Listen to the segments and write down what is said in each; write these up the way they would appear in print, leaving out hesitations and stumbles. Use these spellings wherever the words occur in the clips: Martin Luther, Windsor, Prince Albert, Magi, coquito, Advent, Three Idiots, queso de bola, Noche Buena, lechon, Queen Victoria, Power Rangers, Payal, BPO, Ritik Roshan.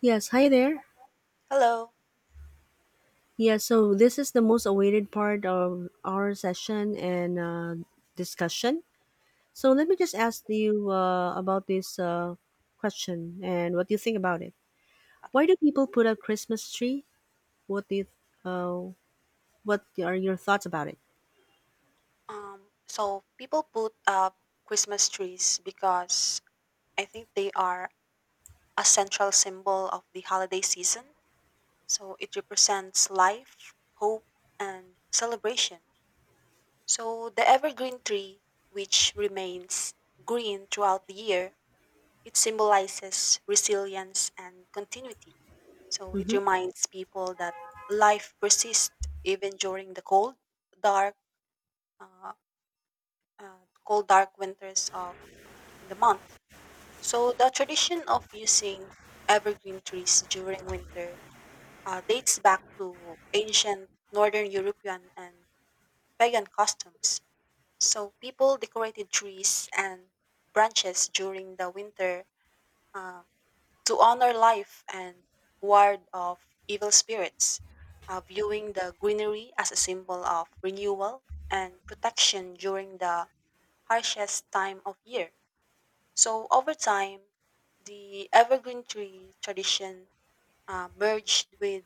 Yes, hi there. Hello. Yeah, so this is the most awaited part of our session and discussion. So let me just ask you about this question and what you think about it. Okay. Why do people put up Christmas tree? What do you, uh, what are your thoughts about it? So people put up Christmas trees because I think they are a central symbol of the holiday season. So it represents life, hope, and celebration. So the evergreen tree, which remains green throughout the year, it symbolizes resilience and continuity. So it hmm reminds people that life persists even during the dark, uh, cold dark winters of in the month. So the tradition of using evergreen trees during winter dates back to ancient northern European and pagan customs. So people decorated trees and branches during the winter uh, to honor life and ward off evil spirits, viewing the greenery as a symbol of renewal and protection during the harshest time of year. So over time, the evergreen tree tradition merged with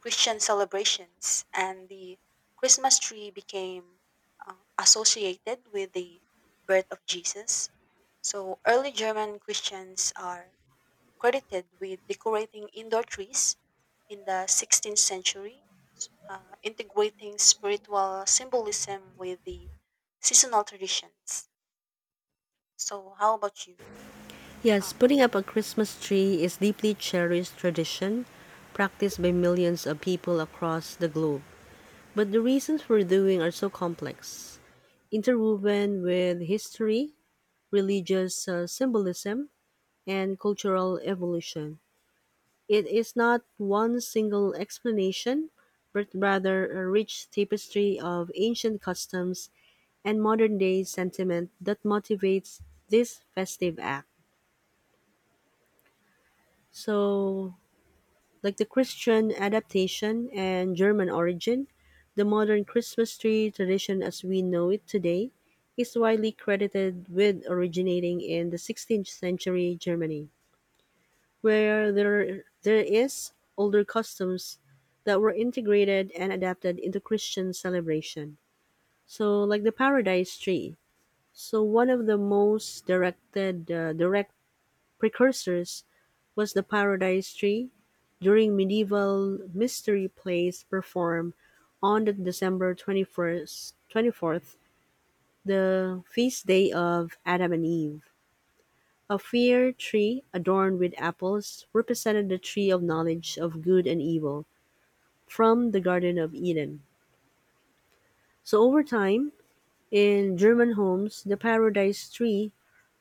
Christian celebrations, and the Christmas tree became associated with the birth of Jesus. So early German Christians are credited with decorating indoor trees in the 16th century, integrating spiritual symbolism with the seasonal traditions. So, how about you? Uh, Yes, putting up a Christmas tree is deeply cherished tradition practiced by millions of people across the globe. But the reasons for doing are so complex, interwoven with history, religious symbolism, and cultural evolution. It is not one single explanation, but rather a rich tapestry of ancient customs and modern day sentiment that motivates this festive act. So, like the Christian adaptation and German origin, the modern Christmas tree tradition as we know it today is widely credited with originating in the 16th century Germany, where there is older customs that were integrated and adapted into Christian celebration. So, like the Paradise Tree. So, one of the direct precursors was the Paradise Tree during medieval mystery plays performed on the December 24th, the feast day of Adam and Eve. A fir tree adorned with apples represented the tree of knowledge of good and evil from the Garden of Eden. So over time, in German homes, the Paradise Tree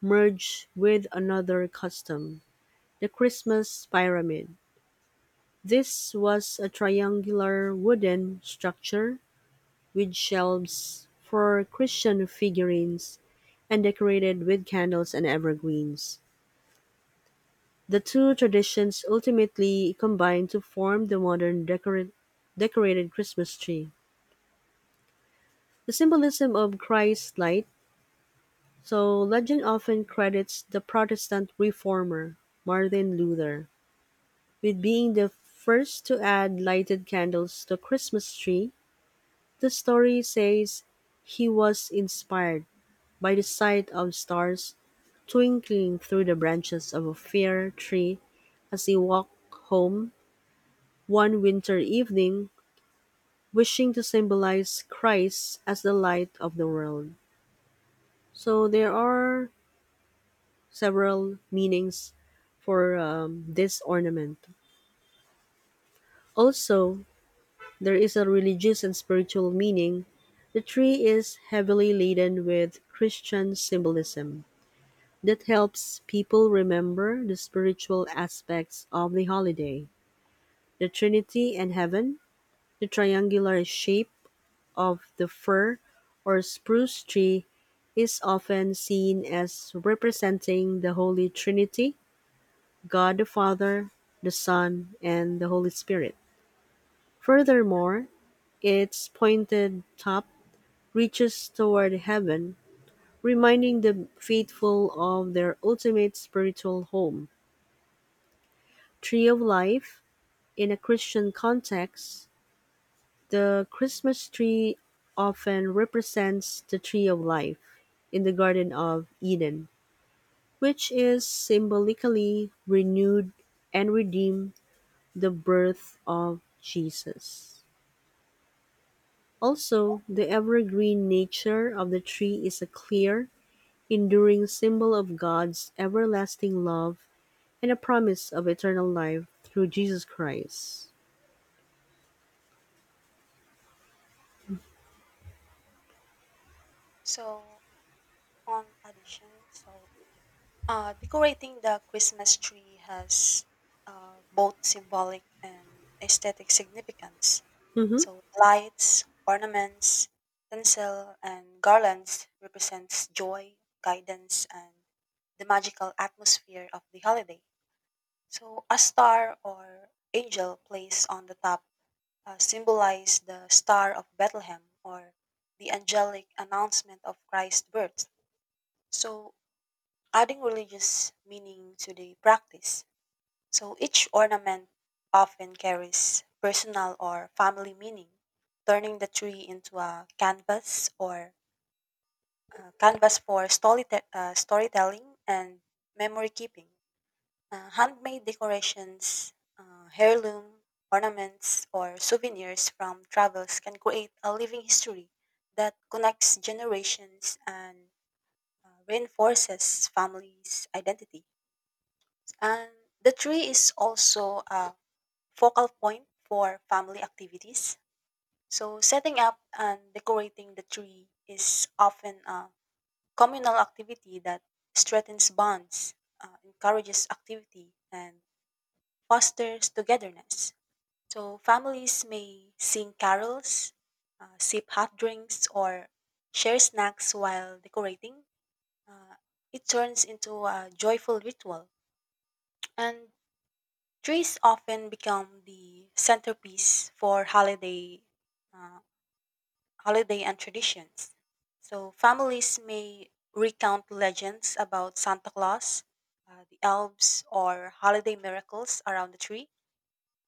merged with another custom, the Christmas pyramid. This was a triangular wooden structure with shelves for Christian figurines and decorated with candles and evergreens. The two traditions ultimately combined to form the decorated Christmas tree. The symbolism of Christ's light, so legend often credits the Protestant reformer Martin Luther with being the first to add lighted candles to Christmas tree. The story says he was inspired by the sight of stars twinkling through the branches of a fir tree as he walked home one winter evening, wishing to symbolize Christ as the light of the world. So there are several meanings for this ornament. Also, there is a religious and spiritual meaning. The tree is heavily laden with Christian symbolism. That helps people remember the spiritual aspects of the holiday: the Trinity and Heaven, the triangular shape of the fir or spruce tree is often seen as representing the Holy Trinity, God the Father, the Son, and the Holy Spirit. Furthermore, its pointed top reaches toward heaven, reminding the faithful of their ultimate spiritual home. Tree of Life. In a Christian context, the Christmas tree often represents the tree of life in the Garden of Eden, which is symbolically renewed and redeemed the birth of Jesus. Also, the evergreen nature of the tree is a clear, enduring symbol of God's everlasting love and a promise of eternal life through Jesus Christ. so, addition. So decorating the Christmas tree has both symbolic and aesthetic significance. Mhm. So, lights, ornaments, tinsel, and garlands represents joy, guidance, and the magical atmosphere of the holiday. So, a star or angel placed on the top symbolize the Star of Bethlehem or the angelic announcement of Christ's birth. So, adding religious meaning to the practice. So each ornament often carries personal or family meaning, turning the tree into a canvas for storytelling and memory keeping. Handmade decorations, heirloom ornaments, or souvenirs from travels can create a living history that connects generations and reinforces families' identity. And the tree is also a focal point for family activities. So, setting up and decorating the tree is often a communal activity that strengthens bonds, encourages activity, and fosters togetherness. So, families may sing carols, sip hot drinks, or share snacks while decorating. Uh, it turns into a joyful ritual. And trees often become the centerpiece for uh, holiday and traditions. So families may recount legends about Santa Claus, the elves, or holiday miracles around the tree.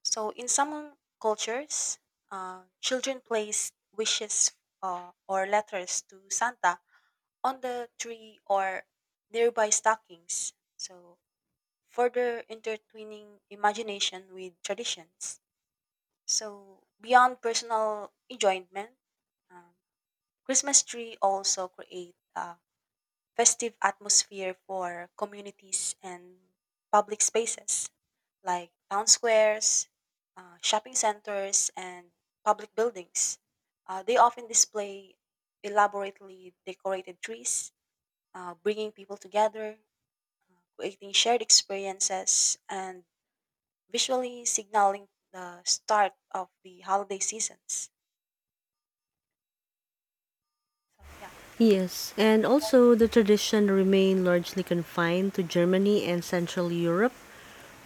So in some cultures, children place wishes or letters to Santa on the tree or nearby stockings. So further intertwining imagination with traditions. So beyond personal enjoyment, um, Christmas tree also create a festive atmosphere for communities and public spaces like town squares, shopping centers, and public buildings. They often display elaborately decorated trees, bringing people together, creating shared experiences, and visually signaling the start of the holiday seasons. So yeah. Yes, and also the tradition remained largely confined to Germany and Central Europe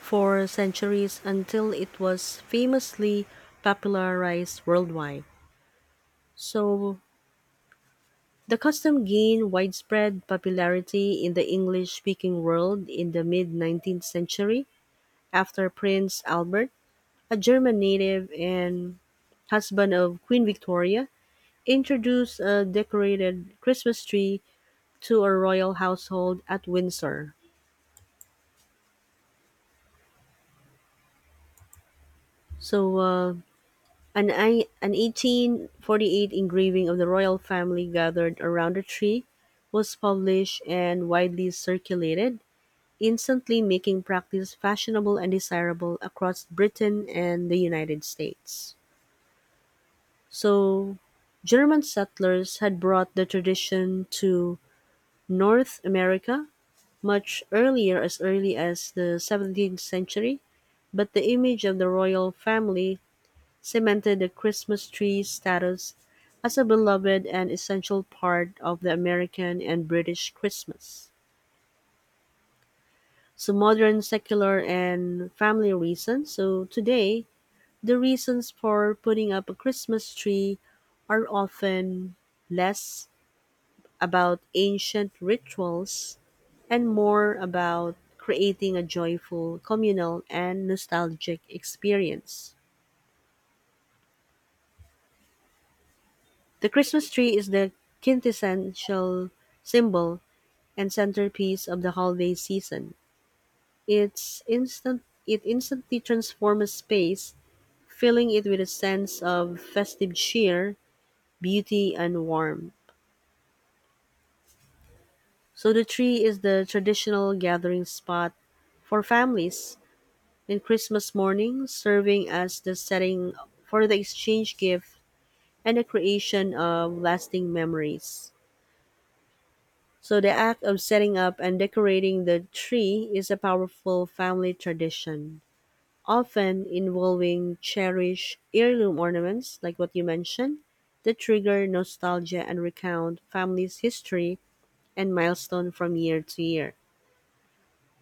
for centuries until it was famously popularized worldwide. So, the custom gained widespread popularity in the English speaking world in the mid 19th century after Prince Albert, a German native and husband of Queen Victoria, introduced a decorated Christmas tree to a royal household at Windsor. So, uh, an 1848 engraving of the royal family gathered around a tree was published and widely circulated, instantly making practice fashionable and desirable across Britain and the United States. So, German settlers had brought the tradition to North America much earlier, as early as the 17th century, but the image of the royal family cemented the Christmas tree's status as a beloved and essential part of the American and British Christmas. So, modern, secular, and family reasons. So, today, the reasons for putting up a Christmas tree are often less about ancient rituals and more about creating a joyful, communal, and nostalgic experience. The Christmas tree is the quintessential symbol and centerpiece of the holiday season. It instantly transforms a space, filling it with a sense of festive cheer, beauty and warmth. So the tree is the traditional gathering spot for families and Christmas morning serving as the setting for the exchange gift and the creation of lasting memories. So the act of setting up and decorating the tree is a powerful family tradition, often involving cherished heirloom ornaments, like what you mentioned, that trigger nostalgia and recount family's history and milestone from year to year.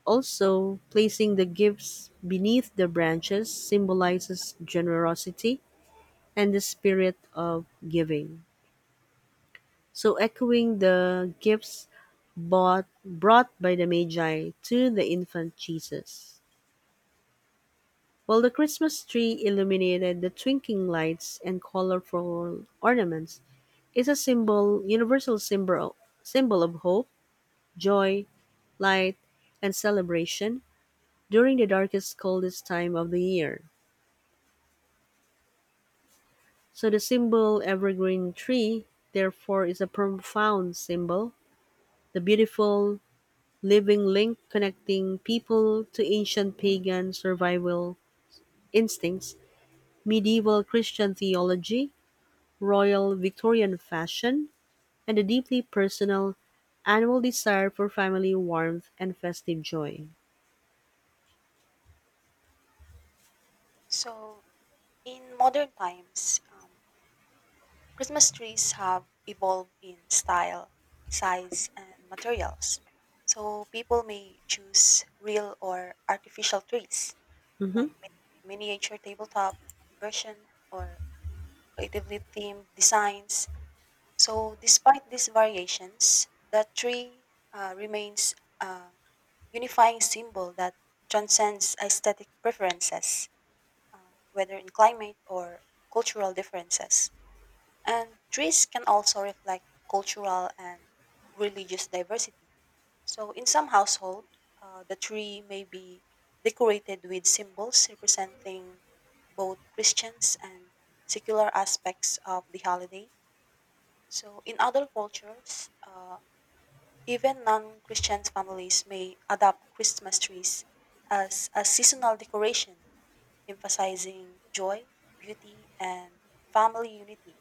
Also, placing the gifts beneath the branches symbolizes generosity and the spirit of giving. So, echoing the gifts brought by the Magi to the infant Jesus. While the Christmas tree illuminated the twinkling lights and colorful ornaments is a symbol of hope, joy, light, and celebration during the darkest, coldest time of the year. So the symbol evergreen tree, therefore, is a profound symbol, the beautiful living link connecting people to ancient pagan survival instincts, medieval Christian theology, royal Victorian fashion, and a deeply personal, annual desire for family warmth and festive joy. So in modern times, Christmas trees have evolved in style, size, and materials. So people may choose real or artificial trees, Mm-hmm. like miniature tabletop version or creatively themed designs. So despite these variations, the tree remains a unifying symbol that transcends aesthetic preferences, whether in climate or cultural differences. And trees can also reflect cultural and religious diversity. So, in some households, the tree may be decorated with symbols representing both Christians and secular aspects of the holiday. So, in other cultures, even non Christian families may adopt Christmas trees as a seasonal decoration emphasizing joy, beauty, and family unity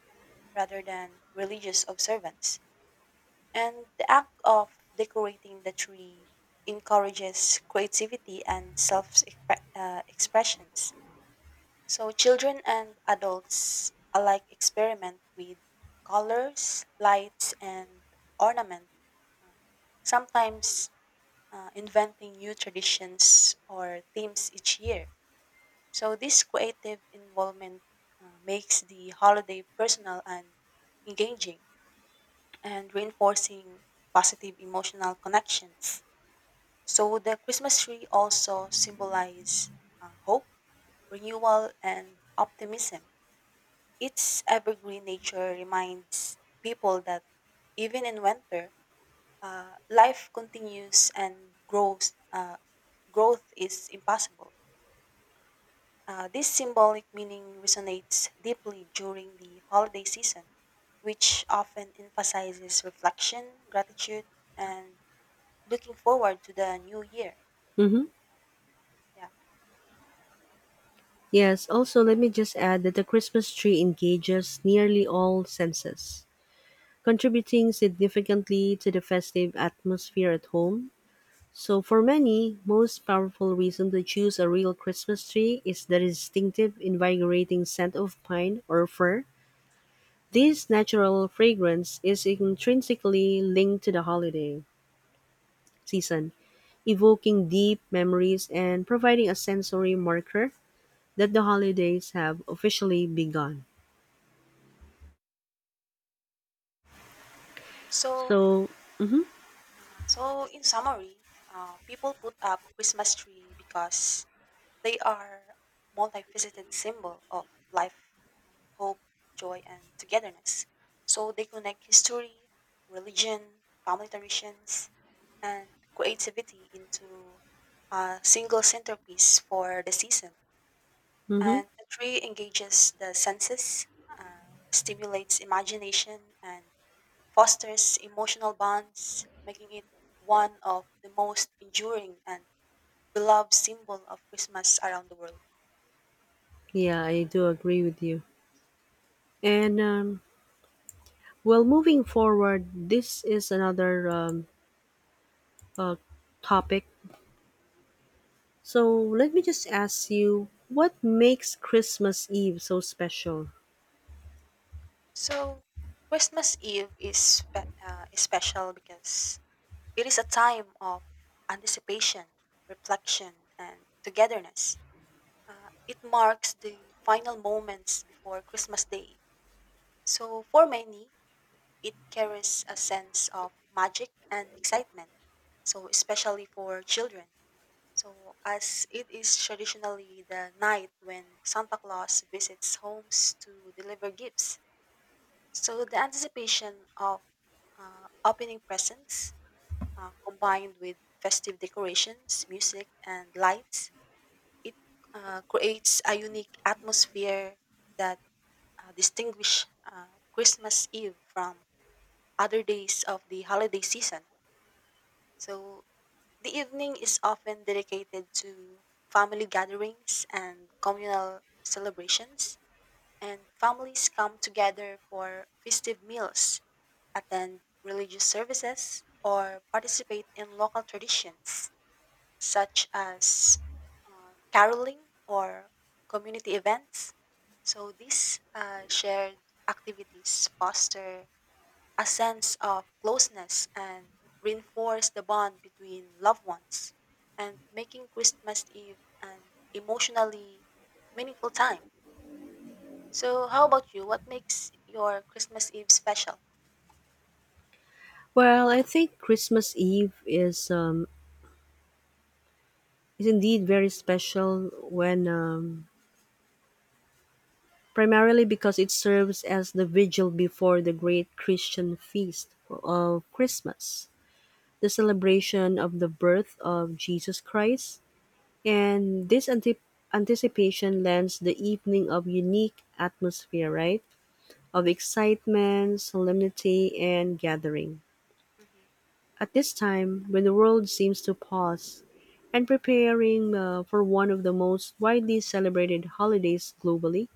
rather than religious observance. And the act of decorating the tree encourages creativity and self expressions. So, children and adults alike experiment with colors, lights, and ornament, sometimes inventing new traditions or themes each year. So this creative involvement makes the holiday personal and engaging and reinforcing positive emotional connections. So the Christmas tree also symbolizes hope, renewal, and optimism. Its evergreen nature reminds people that even in winter, life continues and grows. Growth is impossible. This symbolic meaning resonates deeply during the holiday season, which often emphasizes reflection, gratitude, and looking forward to the new year. Mm-hmm. Yeah. Yes, also let me just add that the Christmas tree engages nearly all senses, contributing significantly to the festive atmosphere at home. So for many, most powerful reason to choose a real Christmas tree is the distinctive invigorating scent of pine or fir. This natural fragrance is intrinsically linked to the holiday season, evoking deep memories and providing a sensory marker that the holidays have officially begun. So, So, so in summary, people put up Christmas tree because they are multifaceted symbol of life, hope, joy, and togetherness. So they connect history, religion, family traditions, and creativity into a single centerpiece for the season. hmm And the tree engages the senses, stimulates imagination, and fosters emotional bonds, making it one of the most enduring and beloved symbol of Christmas around the world. yeah, I do agree with you. And moving forward, this is another uh, topic. So let me just ask you, what makes Christmas Eve so special? So, Christmas Eve is is special because it is a time of anticipation, reflection, and togetherness. It marks the final moments before Christmas Day. So, for many, it carries a sense of magic and excitement. So, especially for children. So, as it is traditionally the night when Santa Claus visits homes to deliver gifts. So the anticipation of opening presents combined with festive decorations, music, and lights, it creates a unique atmosphere that distinguish Christmas Eve from other days of the holiday season. So the evening is often dedicated to family gatherings and communal celebrations, and families come together for festive meals attend religious services, or participate in local traditions such as caroling or community events. So these shared activities foster a sense of closeness and reinforce the bond between loved ones and making Christmas Eve an emotionally meaningful time. So, how about you? What makes your Christmas Eve special? Well, I think Christmas Eve is indeed very special when primarily because it serves as the vigil before the great Christian feast of Christmas, the celebration of the birth of Jesus Christ, and this anticipation lends the evening of unique atmosphere, right? Of excitement, solemnity, and gathering. hmm At this time, when the world seems to pause and preparing for one of the most widely celebrated holidays globally,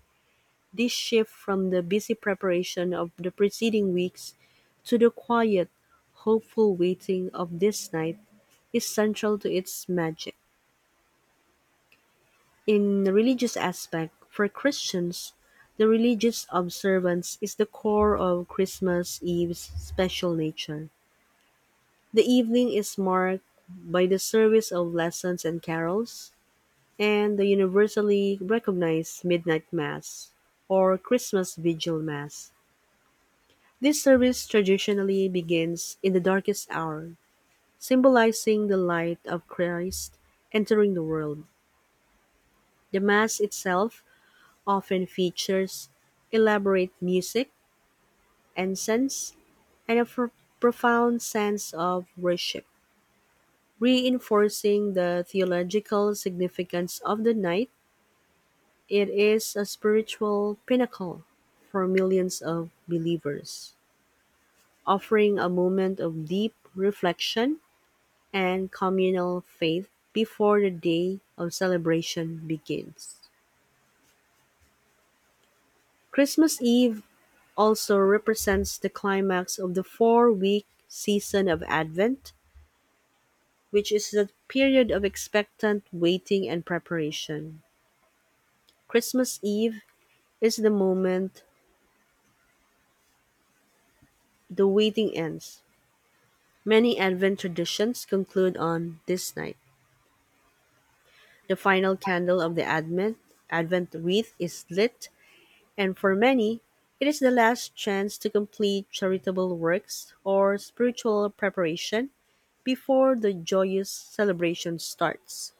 this shift from the busy preparation of the preceding weeks to the quiet, hopeful waiting of this night is central to its magic. In the religious aspect, for Christians, the religious observance is the core of Christmas Eve's special nature. The evening is marked by the service of lessons and carols, and the universally recognized Midnight Mass or Christmas Vigil Mass. This service traditionally begins in the darkest hour, symbolizing the light of Christ entering the world. The Mass itself often features elaborate music, incense, and a profound sense of worship. Reinforcing the theological significance of the night, it is a spiritual pinnacle for millions of believers, offering a moment of deep reflection and communal faith before the day of celebration begins. Christmas Eve also represents the climax of the 4 week season of Advent, which is the period of expectant waiting and preparation. Christmas Eve is the moment the waiting ends. Many Advent traditions conclude on this night. The hmm final candle of the Advent wreath is lit. And for many, it is the last chance to complete charitable works or spiritual preparation before the joyous celebration starts.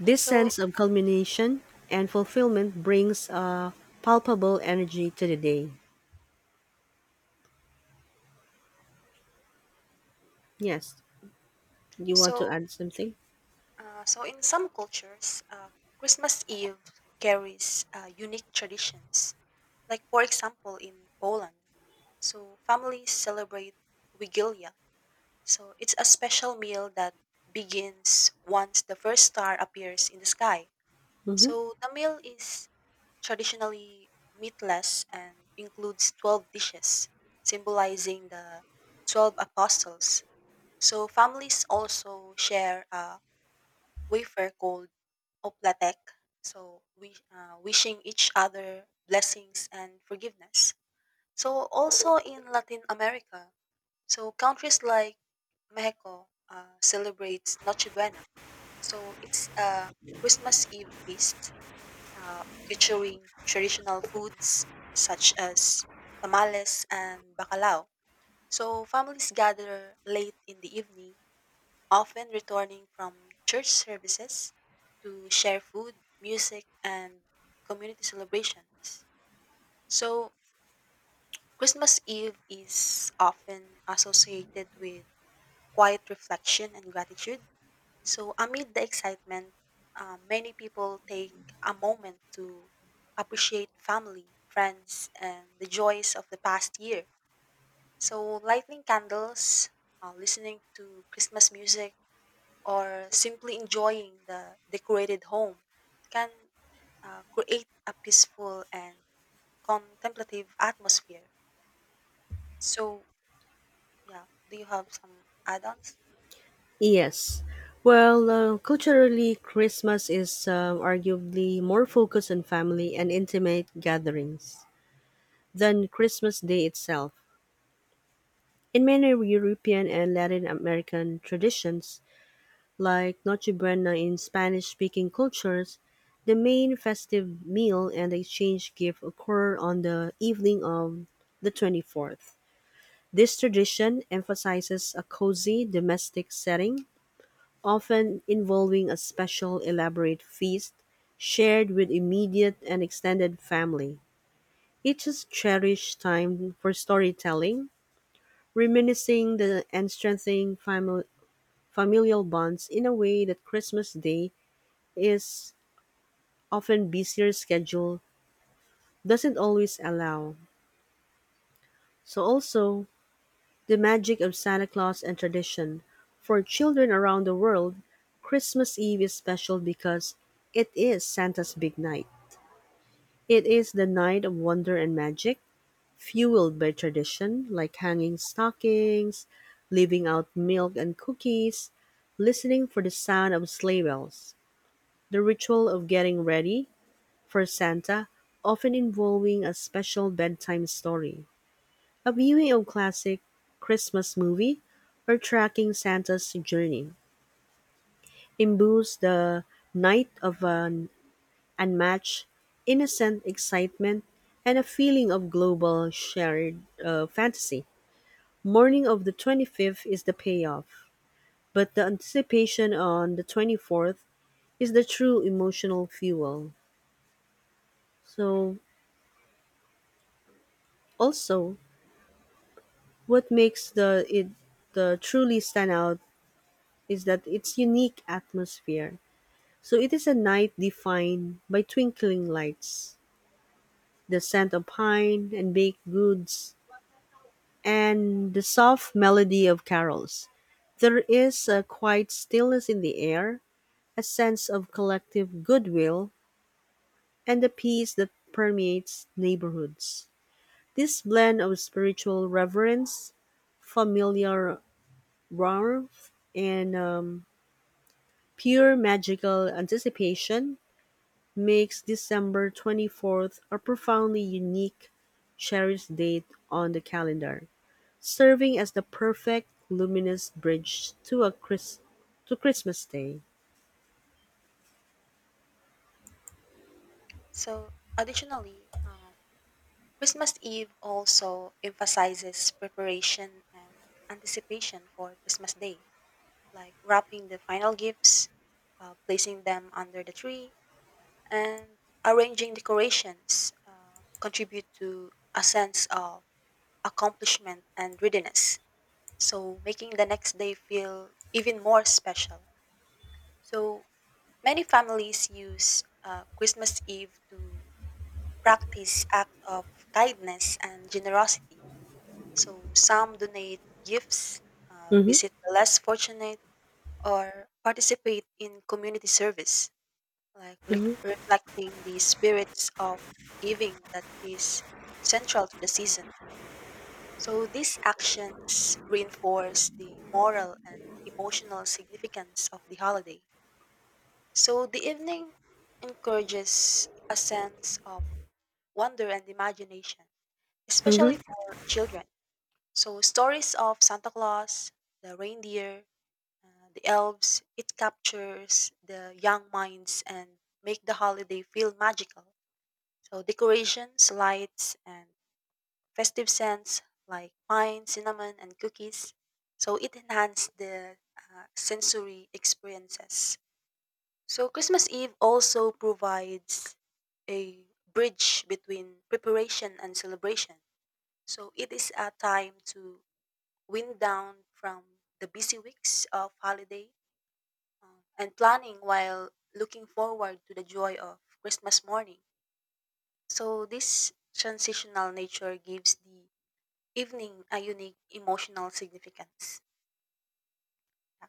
This So, sense of culmination and fulfillment brings a palpable energy to the day. Yes, you want to so add something? In some cultures, Christmas Eve carries unique traditions. Like, for example, in Poland, so families celebrate Wigilia. So, it's a special meal that begins once the first star appears in the sky. Mm-hmm. So, the meal is traditionally meatless and includes 12 dishes, symbolizing the 12 apostles. So, families also share a wafer called Oplatek. So we wishing each other blessings and forgiveness. So also in Latin America, so countries like Mexico celebrates Noche Buena. So it's a Christmas Eve feast featuring traditional foods such as tamales and bacalao. So families gather late in the evening often returning from church services to share food, music, and community celebrations. So, Christmas Eve is often associated with quiet reflection and gratitude. So, amid the excitement, many people take a moment to appreciate family, friends, and the joys of the past year. So, lighting candles, listening to Christmas music, or simply enjoying the decorated home can create a peaceful and contemplative atmosphere. So, yeah, do you have some add ons? Yes. Well, culturally, Christmas is arguably more focused on family and intimate gatherings than Christmas Day itself. In many European and Latin American traditions, like Noche Buena in Spanish speaking cultures, the main festive meal and the exchange gift occur on the evening of the 24th. This tradition emphasizes a cozy domestic setting, often involving a special elaborate feast shared with immediate and extended family. It is cherished time for storytelling, reminiscing the and strengthening family familial bonds in a way that Christmas Day is often busier schedule doesn't always allow. So also the magic of Santa Claus and tradition. For children around the world, Christmas Eve is special because it is Santa's big night. It is the night of wonder and magic, fueled by tradition like hanging stockings, leaving out milk and cookies, listening for the sound of sleigh bells. The ritual of getting ready for Santa, often involving a special bedtime story, a viewing of classic Christmas movie, or tracking Santa's journey, imbues the night of an unmatched, innocent excitement and a feeling of global shared fantasy. Morning of the 25th is the payoff, but the anticipation on the 24th is the true emotional fuel. So, also, what makes the it the truly stand out is that its unique atmosphere. So it is a night defined by twinkling lights, the scent of pine and baked goods, and the soft melody of carols. There is a quiet stillness in the air, a sense of collective goodwill, and the peace that permeates neighborhoods. This blend of spiritual reverence, familiar warmth, and pure magical anticipation makes December 24th a profoundly unique, cherished date on the calendar, serving as the perfect luminous bridge to Christmas Day. So, additionally, Christmas Eve also emphasizes preparation and anticipation for Christmas Day, like wrapping the final gifts, placing them under the tree, and arranging decorations contribute to a sense of accomplishment and readiness, so making the next day feel even more special. So many families use Christmas Eve to practice act of kindness and generosity. So some donate gifts, Mhm. visit the less fortunate, or participate in community service, like Mhm. reflecting the spirits of giving that is central to the season. So these actions reinforce the moral and emotional significance of the holiday. So the evening encourages a sense of wonder and imagination, especially Mhm. for children. So stories of Santa Claus, the reindeer, the elves, it captures the young minds and make the holiday feel magical. So decorations, lights, and festive scents like pine, cinnamon, and cookies. So it enhanced the sensory experiences. So Christmas Eve also provides a bridge between preparation and celebration. So it is a time to wind down from the busy weeks of holiday and planning while looking forward to the joy of Christmas morning. So this transitional nature gives the evening, a unique emotional significance. Yeah,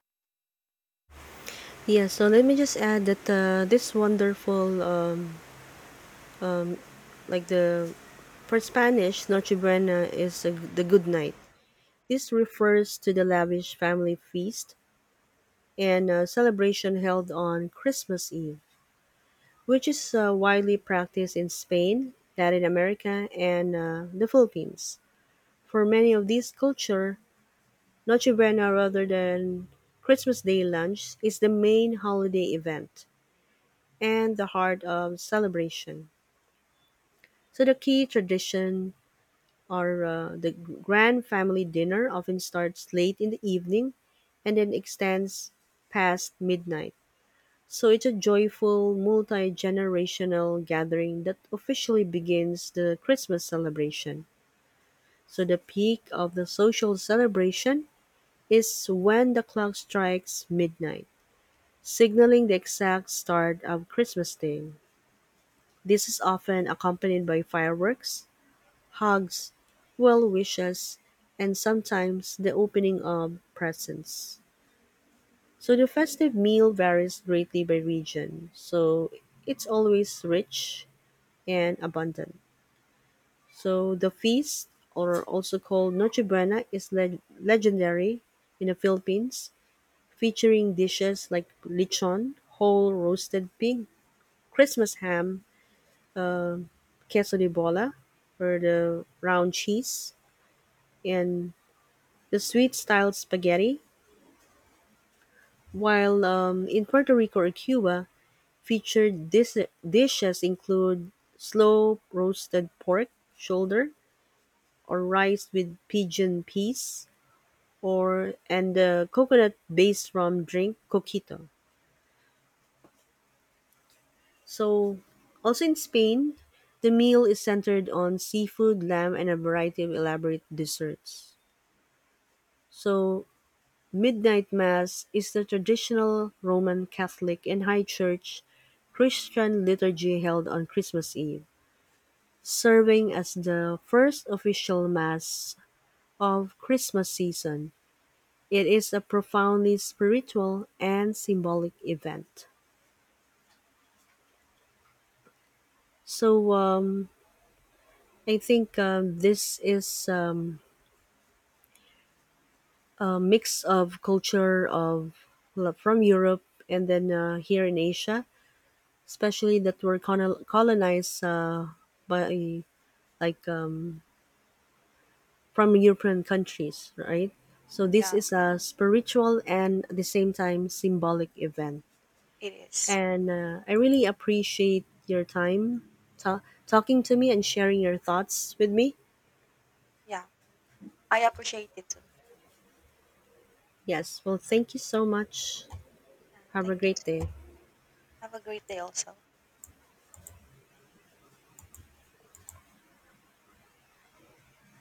Yeah, so let me just add that this wonderful, like the for Spanish, Noche Buena is a, the good night. This refers to the lavish family feast and celebration held on Christmas Eve, which is widely practiced in Spain, Latin America, and the Philippines. For many of these culture, Noche Buena rather than Christmas Day lunch is the main holiday event and the heart of celebration. So the key tradition are the grand family dinner often starts late in the evening and then extends past midnight. So it's a joyful, multi generational gathering that officially begins the Christmas celebration. So the peak of the social celebration is when the clock strikes midnight, signaling the exact start of Christmas Day. This is often accompanied by fireworks, hugs, well wishes, and sometimes the opening of presents. So the festive meal varies greatly by region. So it's always rich and abundant. So the feast, or also called Noche Buena, is legendary in the Philippines, featuring dishes like lechon, whole roasted pig, Christmas ham, queso de bola, or the round cheese, and the sweet style spaghetti. While in Puerto Rico or Cuba, featured dishes include slow roasted pork shoulder or rice with pigeon peas or and the coconut based rum drink coquito. So, also in Spain, the meal is centered on seafood, lamb, and a variety of elaborate desserts. So, midnight mass is the traditional Roman Catholic and High Church Christian liturgy held on Christmas Eve, serving as the first official mass of Christmas season. It is a profoundly spiritual and symbolic event. So I think this is a mix of culture of well, from Europe and then here in Asia, especially that were colonized by like um, from European countries, right? So this yeah, is a spiritual and at the same time symbolic event, it is. and I really appreciate your time ta- talking to me and sharing your thoughts with me. Yeah, I appreciate it too. Yes, well, thank you so much. Have a Thank you. great Too. day. Have a great day also.